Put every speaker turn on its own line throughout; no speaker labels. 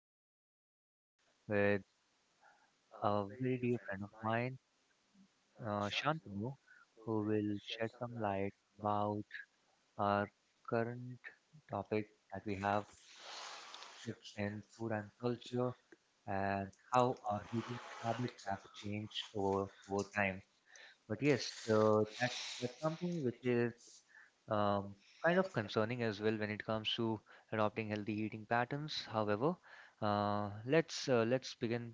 today's podcast with a very dear friend of mine, Shantanu, who will shed some light about our current topic that we have shifts in food and culture and how our eating habits have changed over time. But yes, that's something which is um, kind of concerning as well when it comes to adopting healthy eating patterns. However, let's begin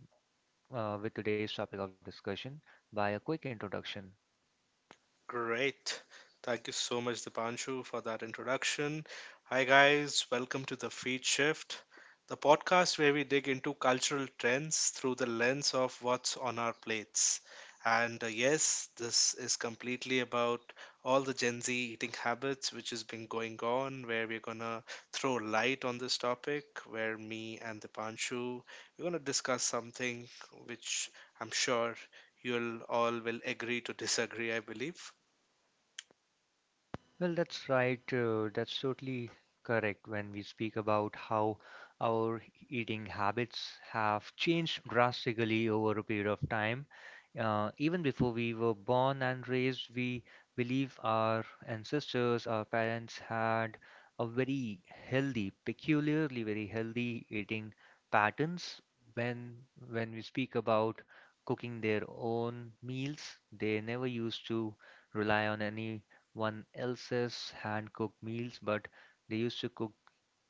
with today's topic of discussion by a quick introduction.
Great. Thank you so much, Dipanshu, for that introduction. Hi, guys. Welcome to The Feed Shift, the podcast where we dig into cultural trends through the lens of what's on our plates. And Yes, this is completely about all the Gen Z eating habits which has been going on, where we're going to throw light on this topic, where me and Dipanshu, we're going to discuss something which I'm sure you'll all will agree to disagree, I believe.
Well, that's right. That's totally correct when we speak about how our eating habits have changed drastically over a period of time. Even before we were born and raised, we believe our ancestors, our parents had a very healthy, peculiarly very healthy eating patterns. When when we speak about cooking their own meals, they never used to rely on any one else's hand-cooked meals, but they used to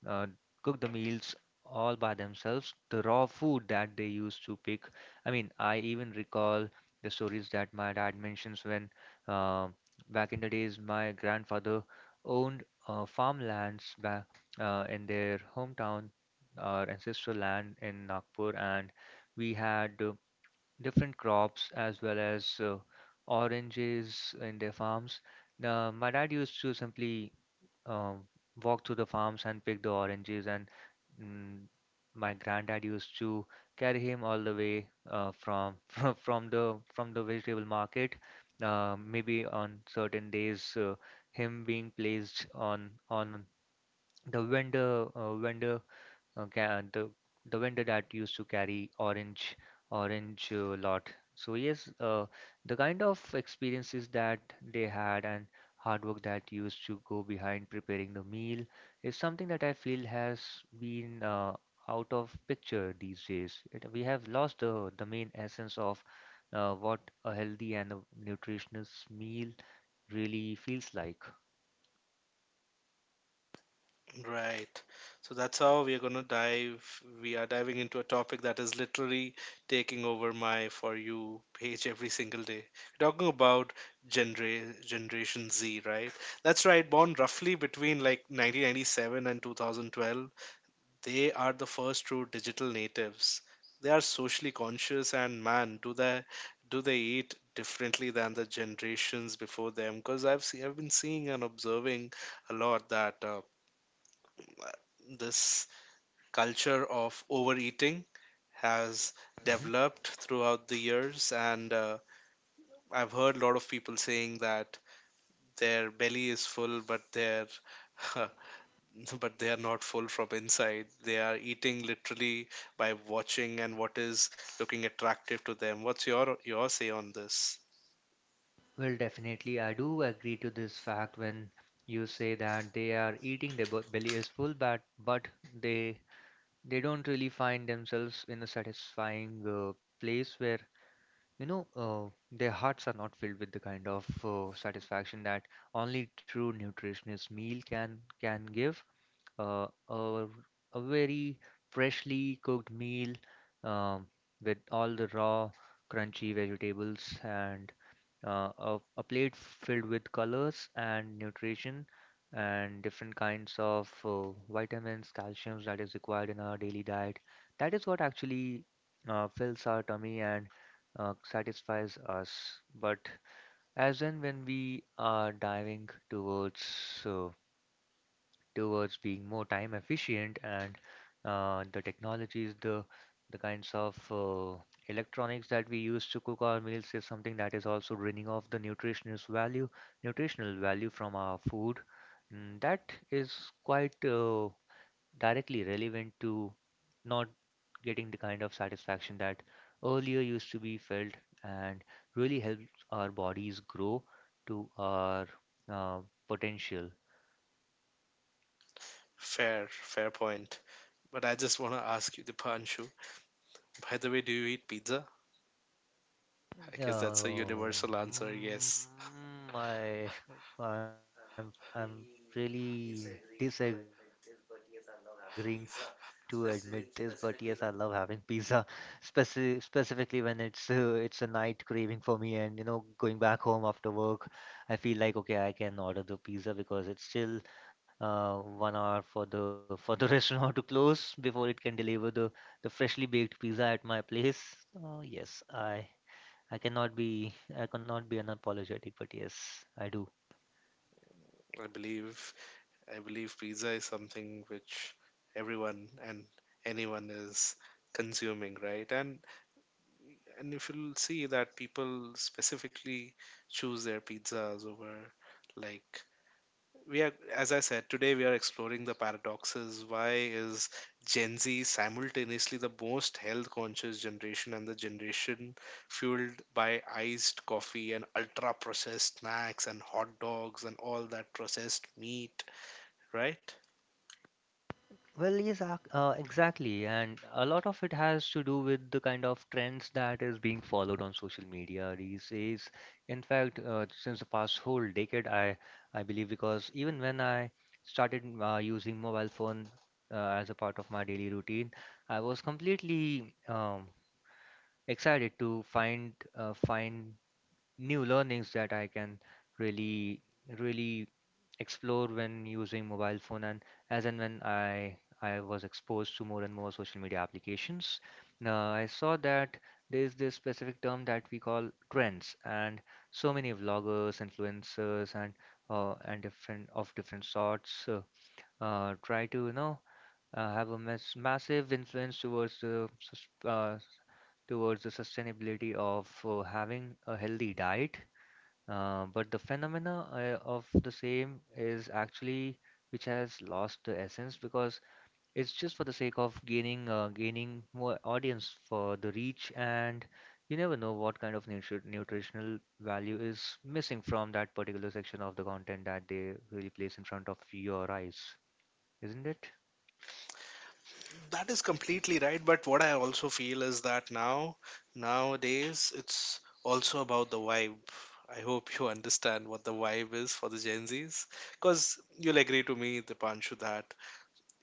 uh, cook the meals all by themselves. The raw food that they used to pick. I mean, I even recall the stories that my dad mentions when uh, back in the days my grandfather owned farmlands back in their hometown, our ancestral land in Nagpur, and we had different crops as well as oranges in their farms. My dad used to simply um, walk to the farms and pick the oranges, and mm, my granddad used to carry him all the way from from the vegetable market. Maybe on certain days, him being placed on the uh, ca- the the vendor that used to carry orange lot. So yes, the kind of experiences that they had and hard work that used to go behind preparing the meal is something that I feel has been out of picture these days. We have lost the main essence of what a healthy and a nutritious meal really feels like.
Right. So that's how we are going to dive. We are diving into a topic that is literally taking over my For You page every single day. We're talking about Generation Z, right? That's right. Born roughly between like 1997 and 2012. They are the first true digital natives. They are socially conscious, and man, do they eat differently than the generations before them? Because I've been seeing and observing a lot that. This culture of overeating has developed throughout the years, and I've heard a lot of people saying that their belly is full, but their but they are not full from inside. They are eating literally by watching and what is looking attractive to them. What's your say on this?
Well, definitely, I do agree to this fact when you say that they are eating their belly is full, but they they don't really find themselves in a satisfying place where you know uh, their hearts are not filled with the kind of satisfaction that only true nutritionist meal can give. Uh, a, a very freshly cooked meal um, with all the raw, crunchy vegetables and a plate filled with colors and nutrition and different kinds of vitamins, calciums that is required in our daily diet. That is what actually fills our tummy and satisfies us. But as and when we are diving towards uh, towards being more time efficient and the technologies, the kinds of electronics that we use to cook our meals is something that is also draining off the nutritional value from our food. That is quite directly relevant to not getting the kind of satisfaction that earlier used to be felt and really helps our bodies grow to our uh, potential.
Fair point, but I just want to ask you, Dipanshu. By the way, do you eat pizza? I guess that's a
Oh,
universal answer, yes.
mm, I, I'm really disagreeing to admit this, but yes, I love having pizza, specifically when it's a night craving for me, and going back home after work, I feel like okay, I can order the pizza because it's still 1 hour for the restaurant to close before it can deliver the freshly baked pizza at my place. Yes, I cannot be I cannot be unapologetic, but yes, I do.
I believe, I believe pizza is something which everyone and anyone is consuming, right? And if you'll see that people specifically choose their pizzas over, like, we are, as I said, today we are exploring the paradoxes. Why is Gen Z simultaneously the most health conscious generation and the generation fueled by iced coffee and ultra processed snacks and hot dogs and all that processed meat, right?
Well, yes, exactly, and a lot of it has to do with the kind of trends that is being followed on social media these days. In fact, since the past whole decade, I believe because even when I started using mobile phone as a part of my daily routine, I was completely excited to find new learnings that I can really, really explore when using mobile phone and as and when I was exposed to more and more social media applications. Now I saw that there is this specific term that we call trends, and so many vloggers, influencers, and and different of different sorts try to have a massive influence towards the sustainability of having a healthy diet but the phenomena of the same is actually which has lost the essence because it's just for the sake of gaining more audience for the reach and you never know what kind of nutritional value is missing from that particular section of the content that they really place in front of your eyes, isn't it?
That is completely right, but what I also feel is that now, nowadays, it's also about the vibe. I hope you understand what the vibe is for the Gen Zs, because you'll agree to me, Dipanshu, that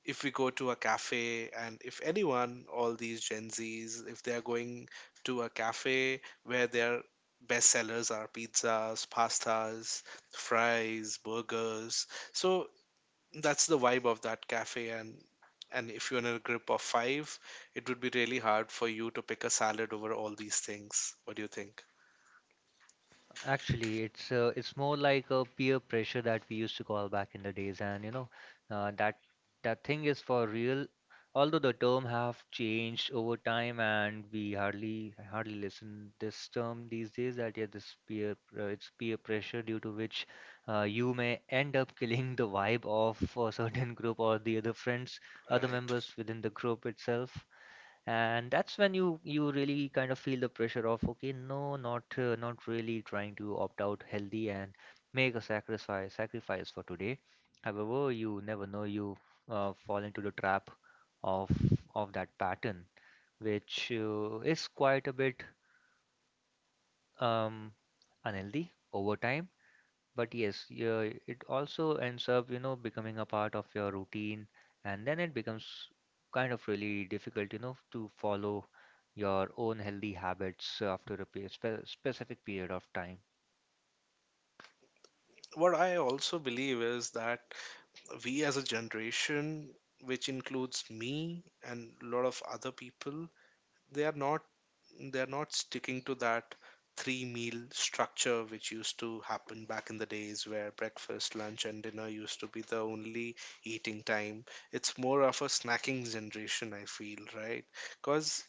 if we go to a cafe, and if anyone, all these Gen Zs, if they are going to a cafe where their best sellers are pizzas, pastas, fries, burgers, so that's the vibe of that cafe. And if you're in a group of five, it would be really hard for you to pick a salad over all these things. What do you think?
Actually, it's more like a peer pressure that we used to call back in the days, and uh, that that thing is for real. Although the term have changed over time, and we hardly listen this term these days. That yeah, this it's peer pressure due to which you may end up killing the vibe of a certain group or the other friends, other
Right.
members within the group itself, and that's when you really kind of feel the pressure of okay, no, not really trying to opt out healthy and make a sacrifice for today. However, you never know, you fall into the trap of of that pattern which is quite a bit um unhealthy over time. But yes, yeah, it also ends up, becoming a part of your routine, and then it becomes kind of really difficult, to follow your own healthy habits after a specific period of time.
What I also believe is that we as a generation which includes me and a lot of other people, they are not they're not sticking to that three meal structure which used to happen back in the days, where breakfast, lunch, and dinner used to be the only eating time. It's more of a snacking generation, I feel, right? Because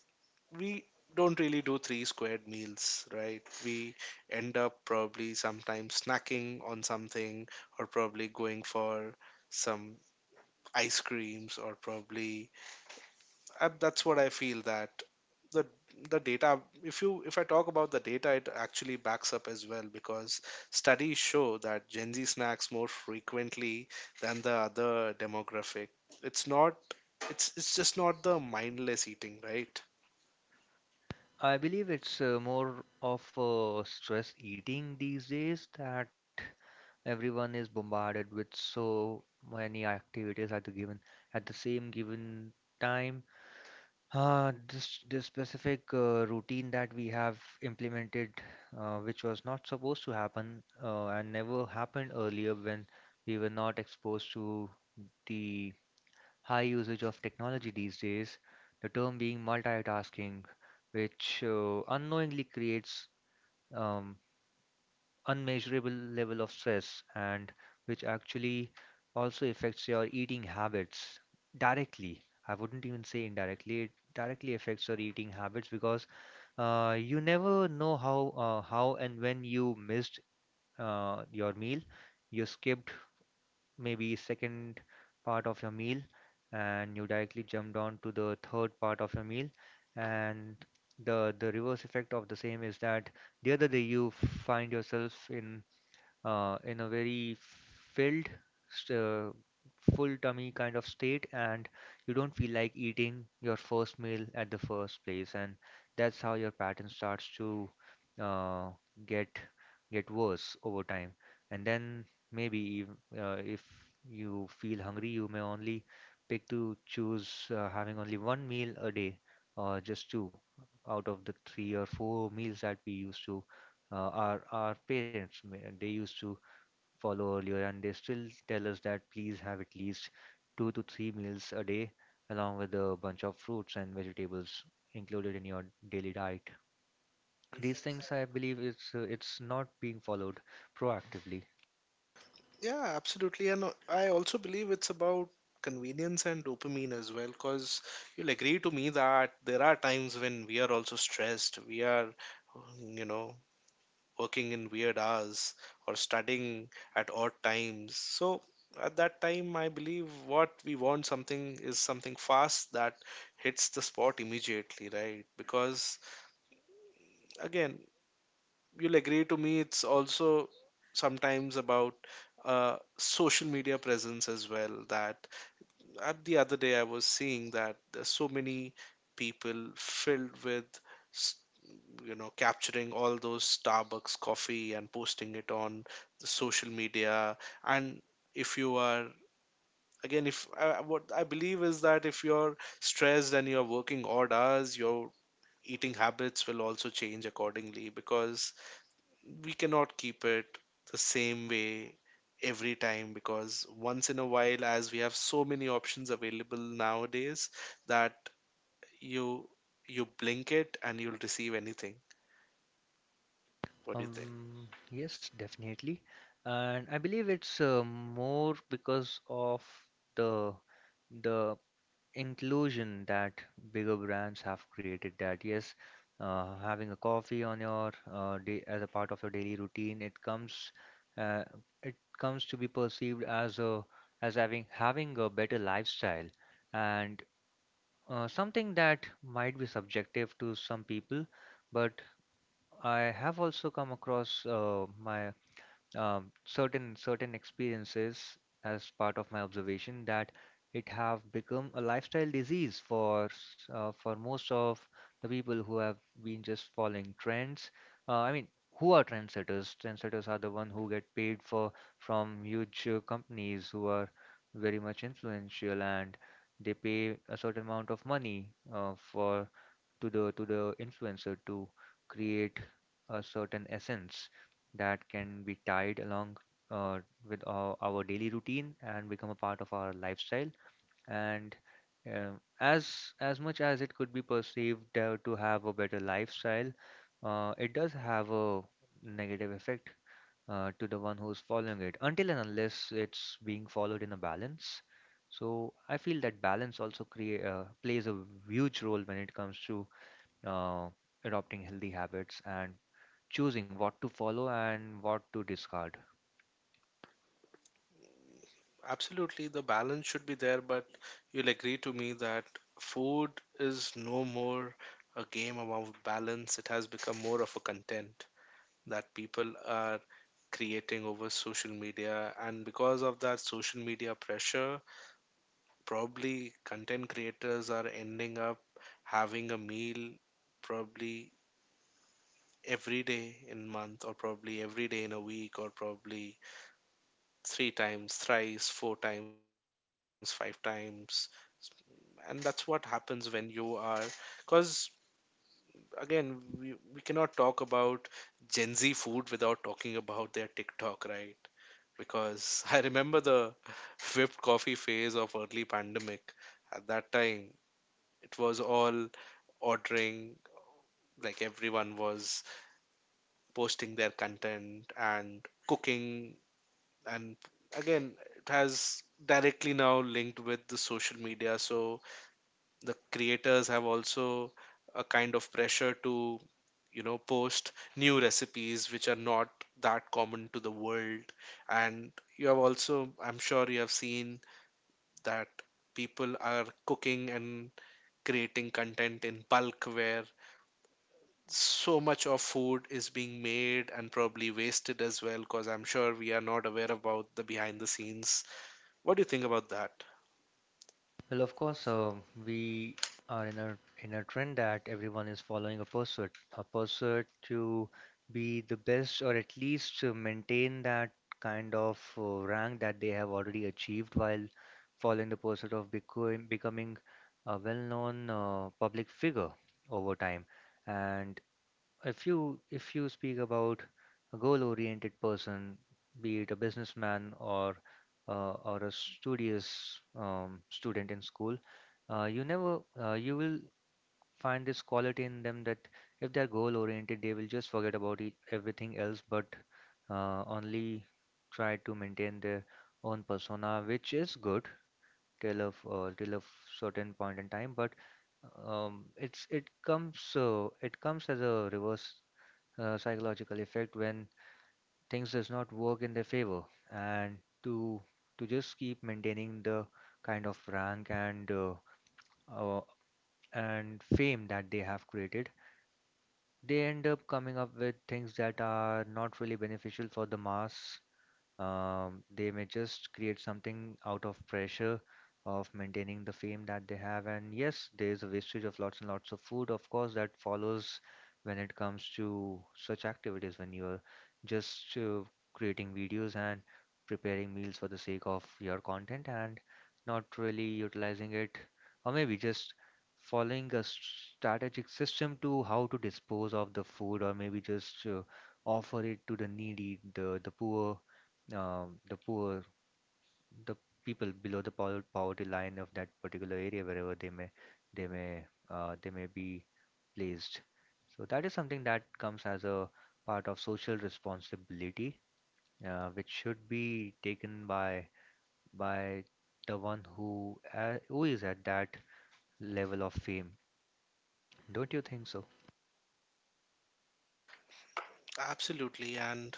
we don't really do three squared meals, right? We end up probably sometimes snacking on something, or probably going for some ice creams, or probably that's what I feel that the the data, if I talk about the data, it actually backs up as well, because studies show that Gen Z snacks more frequently than the other demographic. It's not, it's just not the mindless eating, right?
I believe it's more of stress eating these days that everyone is bombarded with so many activities at the same given time. This specific routine that we have implemented, which was not supposed to happen and never happened earlier when we were not exposed to the high usage of technology these days, the term being multitasking, which unknowingly creates um, unmeasurable level of stress and which actually also affects your eating habits directly. I wouldn't even say indirectly, it directly affects your eating habits because you never know how and when you missed your meal. You skipped maybe second part of your meal and you directly jumped on to the third part of your meal and the reverse effect of the same is that the other day you find yourself in a very filled, st- uh, full tummy kind of state, and you don't feel like eating your first meal at the first place, and that's how your pattern starts to uh, get get worse over time. And then maybe if you feel hungry, you may only pick to choose having only one meal a day, or just two out of the three or four meals that we used to our parents ma- they used to follow earlier, and they still tell us that please have at least two to three meals a day, along with a bunch of fruits and vegetables included in your daily diet. These things, I believe, it's not being followed proactively.
Yeah, absolutely. And I also believe it's about convenience and dopamine as well, because you'll agree to me that there are times when we are also stressed. We are, you know, working in weird hours or studying at odd times. So at that time, I believe what we want something is something fast that hits the spot immediately, right? Because again, you'll agree to me, it's also sometimes about social media presence as well. That the other day I was seeing that so many people filled with you know capturing all those Starbucks coffee and posting it on the social media. And if you are, again, if what I believe is that if you're stressed and you're working odd hours, your eating habits will also change accordingly, because we cannot keep it the same way every time. Because once in a while, as we have so many options available nowadays, that you you blink it and you'll receive anything. What do you think?
Yes, definitely, and I believe it's more because of the the inclusion that bigger brands have created that yes, having a coffee on your day as a part of your daily routine, uh, it comes to be perceived as a as having a better lifestyle and something that might be subjective to some people, but I have also come across my certain experiences as part of my observation that it have become a lifestyle disease for for most of the people who have been just following trends. I mean, who are trendsetters? Trendsetters are the one who get paid for from huge companies who are very much influential and they pay a certain amount of money for to the influencer to create a certain essence that can be tied along uh, with our daily routine and become a part of our lifestyle. And uh, as much as it could be perceived to have a better lifestyle, it does have a negative effect to the one who's following it, until and unless it's being followed in a balance. So I feel that balance also create plays a huge role when it comes to uh, adopting healthy habits and choosing what to follow and what to discard.
Absolutely, the balance should be there, but you'll agree to me that food is no more a game about balance. It has become more of a content that people are creating over social media. And because of that social media pressure, probably content creators are ending up having a meal probably every day in month, or probably every day in a week, or probably three times, thrice, four times, five times. And that's what happens when you are, because again, we cannot talk about gen z food without talking about their TikTok, right? Because I remember the whipped coffee phase of early pandemic. At that time it was all ordering, like, everyone was posting their content and cooking. And again, it has directly now linked with the social media. So the creators have also a kind of pressure to, you know, post new recipes which are not that common to the world. And you have also, I'm sure you have seen that people are cooking and creating content in bulk, where so much of food is being made and probably wasted as well, because I'm sure we are not aware about the behind the scenes. What do you think about that?
Well, of course, we are in a trend that everyone is following a pursuit to be the best or at least to maintain that kind of rank that they have already achieved while following the pursuit of becoming a well-known public figure over time. And if you speak about a goal-oriented person, be it a businessman or a studious student in school, you never you will find this quality in them that if they're goal-oriented, they will just forget about e everything else, but only try to maintain their own persona, which is good till of certain point in time, but it comes as a reverse psychological effect when things does not work in their favor and to to just keep maintaining the kind of rank uh, and fame that they have created. They end up coming up with things that are not really beneficial for the mass. They may just create something out of pressure of maintaining the fame that they have. And yes, there is a wastage of lots and lots of food, of course, that follows when it comes to such activities when you're just creating videos and preparing meals for the sake of your content and not really utilizing it, or maybe just following a strategic system to how to dispose of the food, or maybe just offer it to the needy, the poor, the poor, the people below the poverty line of that particular area, wherever they may, they may be placed. So that is something that comes as a part of social responsibility, which should be taken by the one who is at that level of fame. Don't you think so?
Absolutely. And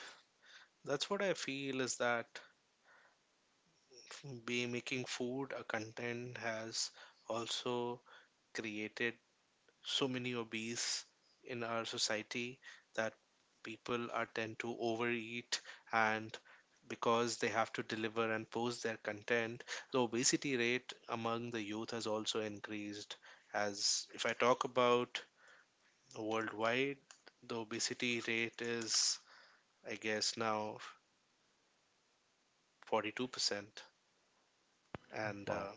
that's what I feel is that be making food a content has also created so many obese in our society, that people are tend to overeat, and because they have to deliver and post their content, the obesity rate among the youth has also increased. As if I talk about worldwide, the obesity rate is, I guess now, 42%, and
Wow.
uh,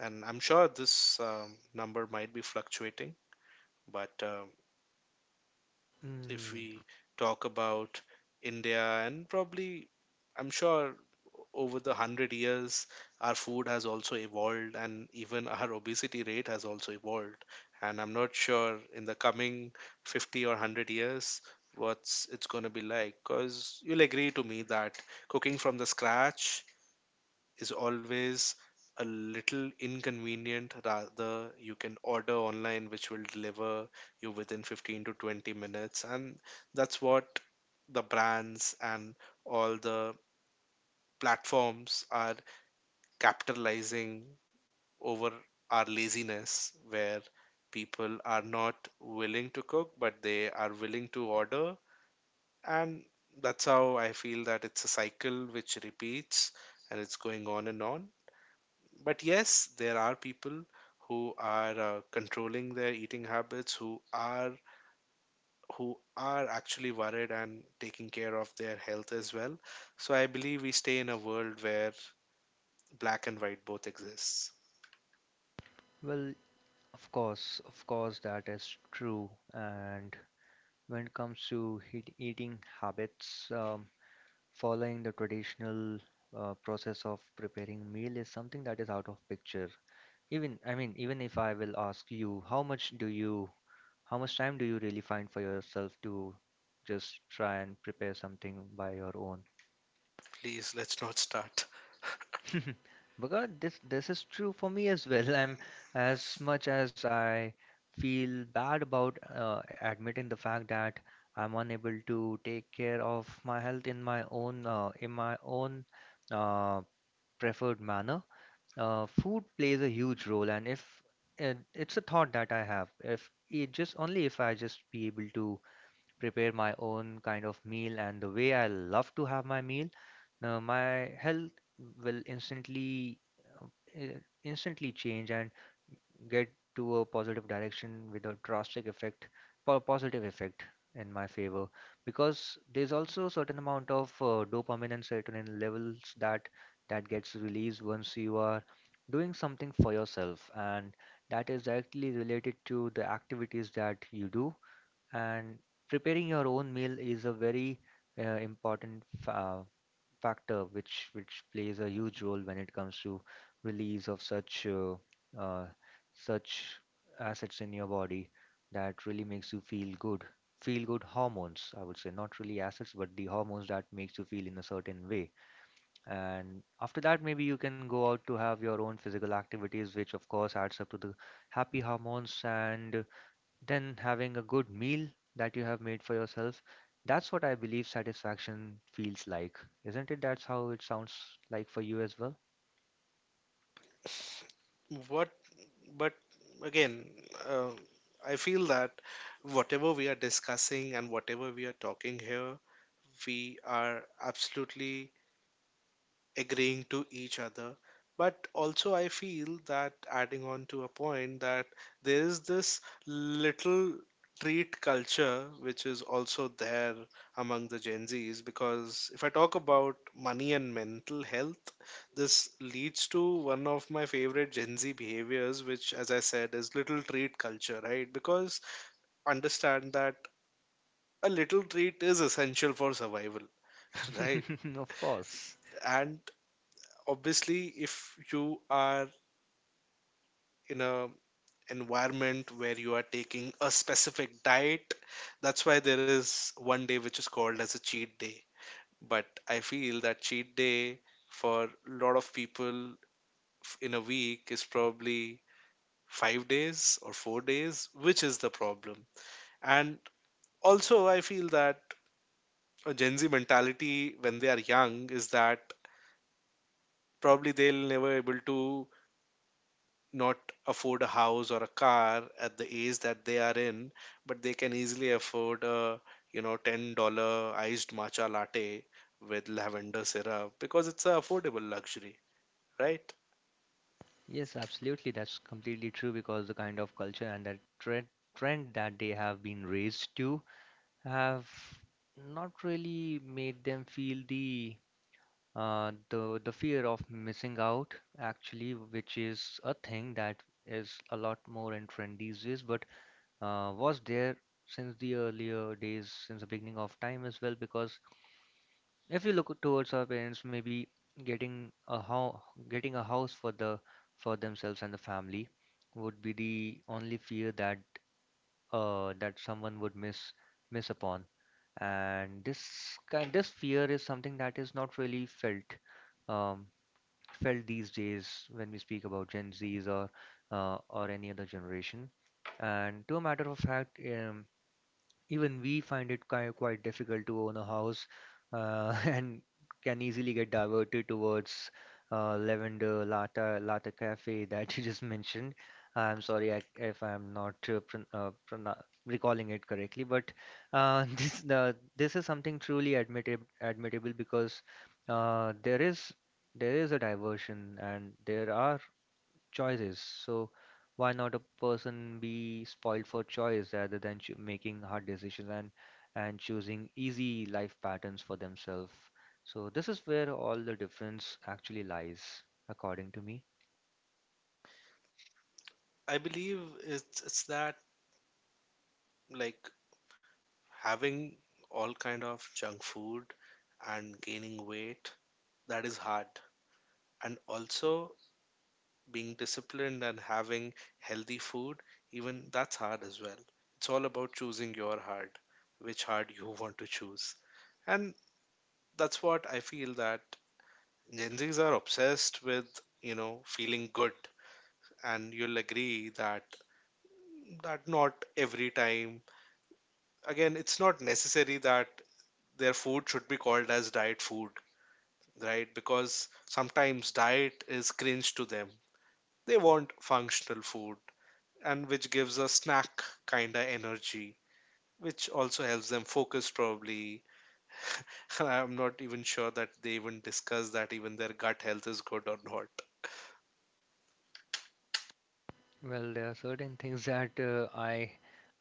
And I'm sure this number might be fluctuating, but if
Mm,
we talk about India, and probably, I'm sure over the 100 years, our food has also evolved, and even our obesity rate has also evolved. And I'm not sure in the coming 50 or 100 years what's it's going to be like, because you'll agree to me that cooking from the scratch is always a little inconvenient. Rather, you can order online, which will deliver you within 15 to 20 minutes. And that's what the brands and all the platforms are capitalizing over our laziness, where people are not willing to cook, but they are willing to order. And that's how I feel that it's a cycle which repeats, and it's going on and on. But yes, there are people who are controlling their eating habits, who are, who are actually worried and taking care of their health as well. So I believe we stay in a world where black and white both exists.
well, of course, that is true, and when it comes to heat eating habits, following the traditional process of preparing meal is something that is out of picture. Even, I mean, even if I will ask you, how much do you, how much time do you really find for yourself to just try and prepare something by your own?
Please, let's not start.
Bhagat, this is true for me as well. I'm as much as I feel bad about admitting the fact that I'm unable to take care of my health in my own uh, preferred manner. Food plays a huge role, and if and it's a thought that I have, if it just only if I just be able to prepare my own kind of meal and the way I love to have my meal, now my health will instantly uh, instantly change and get to a positive direction with a drastic effect, positive effect in my favor because there's also a certain amount of dopamine and serotonin levels that that gets released once you are doing something for yourself and that is directly related to the activities that you do and preparing your own meal is a very important fa factor which plays a huge role when it comes to release of such uh, such assets in your body that really makes you feel good. Feel good hormones, I would say, not really assets, but the hormones that makes you feel in a certain way. And after that, maybe you can go out to have your own physical activities, which of course adds up to the happy hormones and then having a good meal that you have made for yourself, that's what I believe satisfaction feels like. Isn't it? That's how it sounds like for you as well.
What? But again, uh, I feel that whatever we are discussing and whatever we are talking here, we are absolutely agreeing to each other. But also, I feel that adding on to a point that there is this little treat culture which is also there among the Gen Zs. Because if I talk about money and mental health, this leads to one of my favorite Gen Z behaviors, which, as I said, is little treat culture, right? Because understand that a little treat is essential for survival, right?
Of course.
And obviously, if you are in a environment where you are taking a specific diet, that's why there is one day which is called as a cheat day. But I feel that cheat day for a lot of people in a week is probably 5 days or 4 days, which is the problem. And also I feel that a gen z mentality when they are young is that probably they'll never able to not afford a house or a car at the age that they are in, but they can easily afford a, you know, $10 iced matcha latte with lavender syrup, because it's an affordable luxury, right?
Yes, absolutely. That's completely true because the kind of culture and that trend that they have been raised to have not really made them feel the the fear of missing out actually, which is a thing that is a lot more in trend these days. But was there since the earlier days, since the beginning of time as well. Because if you look towards our parents, maybe getting a ho getting a house for the for themselves and the family would be the only fear that that someone would miss upon. And this fear is something that is not really felt um, felt these days when we speak about Gen Zs or any other generation. And to a matter of fact, even we find it quite, quite difficult to own a house and can easily get diverted towards Lavender Lata Cafe that you just mentioned. I'm sorry I, if I'm not prona recalling it correctly, but this is something truly admittable because uh, there is there is a diversion and there are choices. So why not a person be spoiled for choice rather than making hard decisions and choosing easy life patterns for themselves? So this is where all the difference actually lies, according to me.
I believe it's that, like, having all kind of junk food and gaining weight, that is hard. And also being disciplined and having healthy food, even that's hard as well. It's all about choosing your heart, which heart you want to choose. And that's what I feel that Gen Zs are obsessed with, you know, feeling good. And you'll agree that not every time. Again, it's not necessary that their food should be called as diet food, right? Because sometimes diet is cringe to them. They want functional food, and which gives a snack kind of energy, which also helps them focus probably. I'm not even sure that they even discuss that even their gut health is good or not.
Well, there are certain things that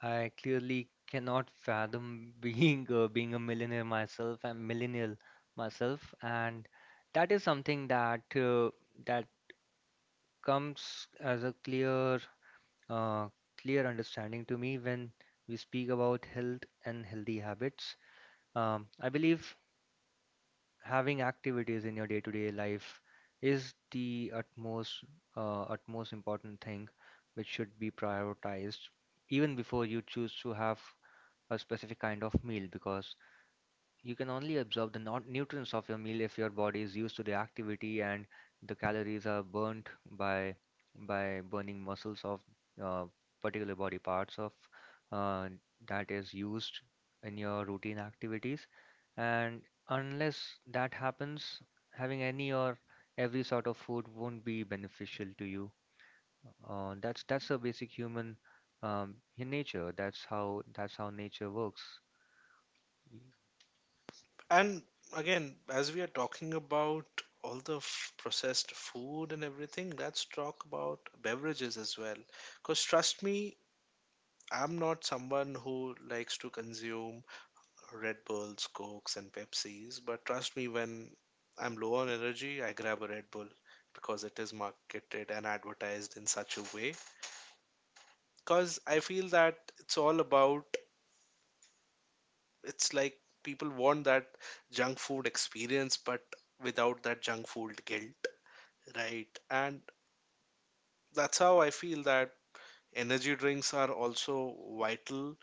I clearly cannot fathom being being a millionaire myself. I'm millennial myself, and that is something that that comes as a clear uh, clear understanding to me when we speak about health and healthy habits. I believe having activities in your day-to-day life is the utmost utmost important thing which should be prioritized even before you choose to have a specific kind of meal because you can only absorb the nutrients of your meal if your body is used to the activity and the calories are burnt by by burning muscles of uh, particular body parts of uh, that is used in your routine activities. And unless that happens, having any or every sort of food won't be beneficial to you. That's a basic human in nature. That's how nature works.
And again, as we are talking about all the processed food and everything, let's talk about beverages as well. Because trust me, I'm not someone who likes to consume Red Bulls, Cokes, and Pepsis. But trust me, when I'm low on energy, I grab a Red Bull because it is marketed and advertised in such a way. Because I feel that it's all about, it's like people want that junk food experience, but without that junk food guilt, right? And that's how I feel that energy drinks are also vital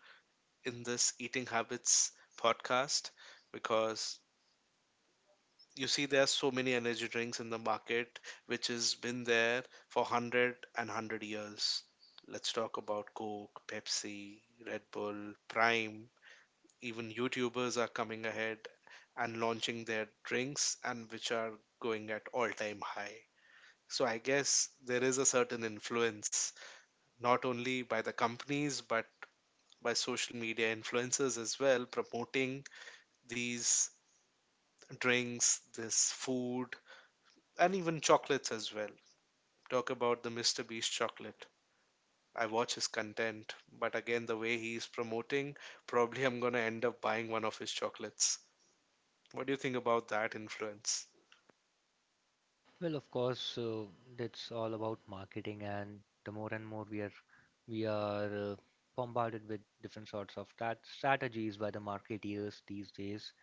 in this eating habits podcast. Because you see, there are so many energy drinks in the market which has been there for 100 years. Let's talk about Coke, Pepsi, Red Bull, Prime. Even YouTubers are coming ahead and launching their drinks, and which are going at all time high. So I guess there is a certain influence not only by the companies, but by social media influencers as well, promoting these drinks, this food, and even chocolates as well. Talk about the Mr. Beast chocolate. I watch his content, but again, the way he is promoting, probably I'm gonna end up buying one of his chocolates. What do you think about that influence?
Well, of course, that's all about marketing, and the more and more we are we are uh, bombarded with different sorts of that strategies by the marketeers these days.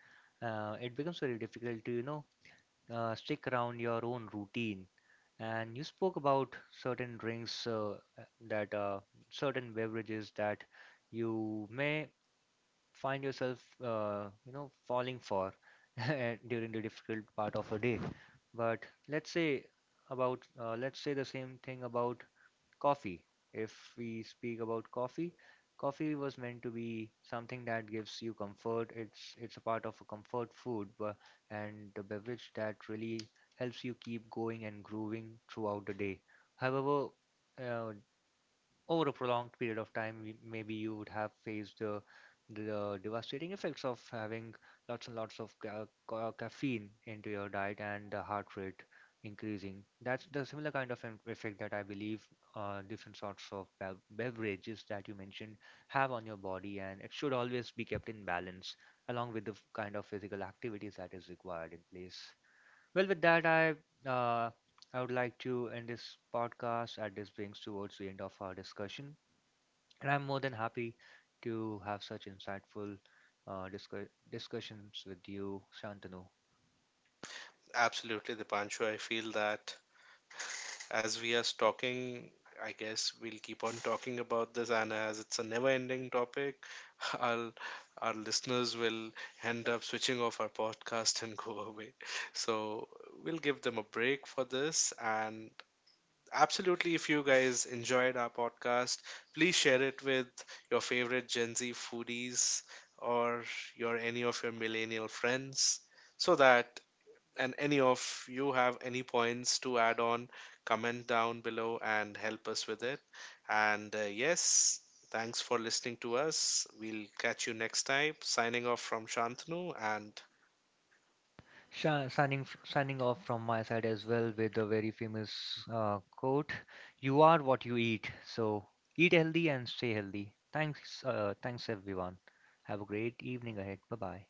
It becomes very difficult to, you know, stick around your own routine. And you spoke about certain drinks uh, that certain beverages that you may find yourself you know falling for during the difficult part of a day, but let's say about let's say the same thing about coffee. If we speak about coffee, coffee was meant to be something that gives you comfort. It's a part of a comfort food but, and the beverage that really helps you keep going and grooving throughout the day, however, uh, over a prolonged period of time, we- maybe you would have faced the devastating effects of having lots and lots of caffeine into your diet and the heart rate increasing. That's the similar kind of effect that I believe different sorts of beverages that you mentioned have on your body, and it should always be kept in balance along with the kind of physical activities that is required in place. Well, with that, uh, I would like to end this podcast as this brings towards the end of our discussion, and I'm more than happy to have such insightful uh, discuss discussions with you, Shantanu.
Absolutely, Dipanshu. I feel that as we are talking, I guess we'll keep on talking about this, and as it's a never-ending topic, our our listeners will end up switching off our podcast and go away. So we'll give them a break for this, and absolutely. If you guys enjoyed our podcast, please share it with your favorite Gen Z foodies, or your any of your millennial friends, so that and any of you have any points to add on, comment down below and help us with it. And Yes, thanks for listening to us. We'll catch you next time. Signing off from Shantanu and
Signing off from my side as well with a very famous quote: "You are what you eat, so eat healthy and stay healthy." Thanks, thanks everyone. Have a great evening ahead. Bye bye.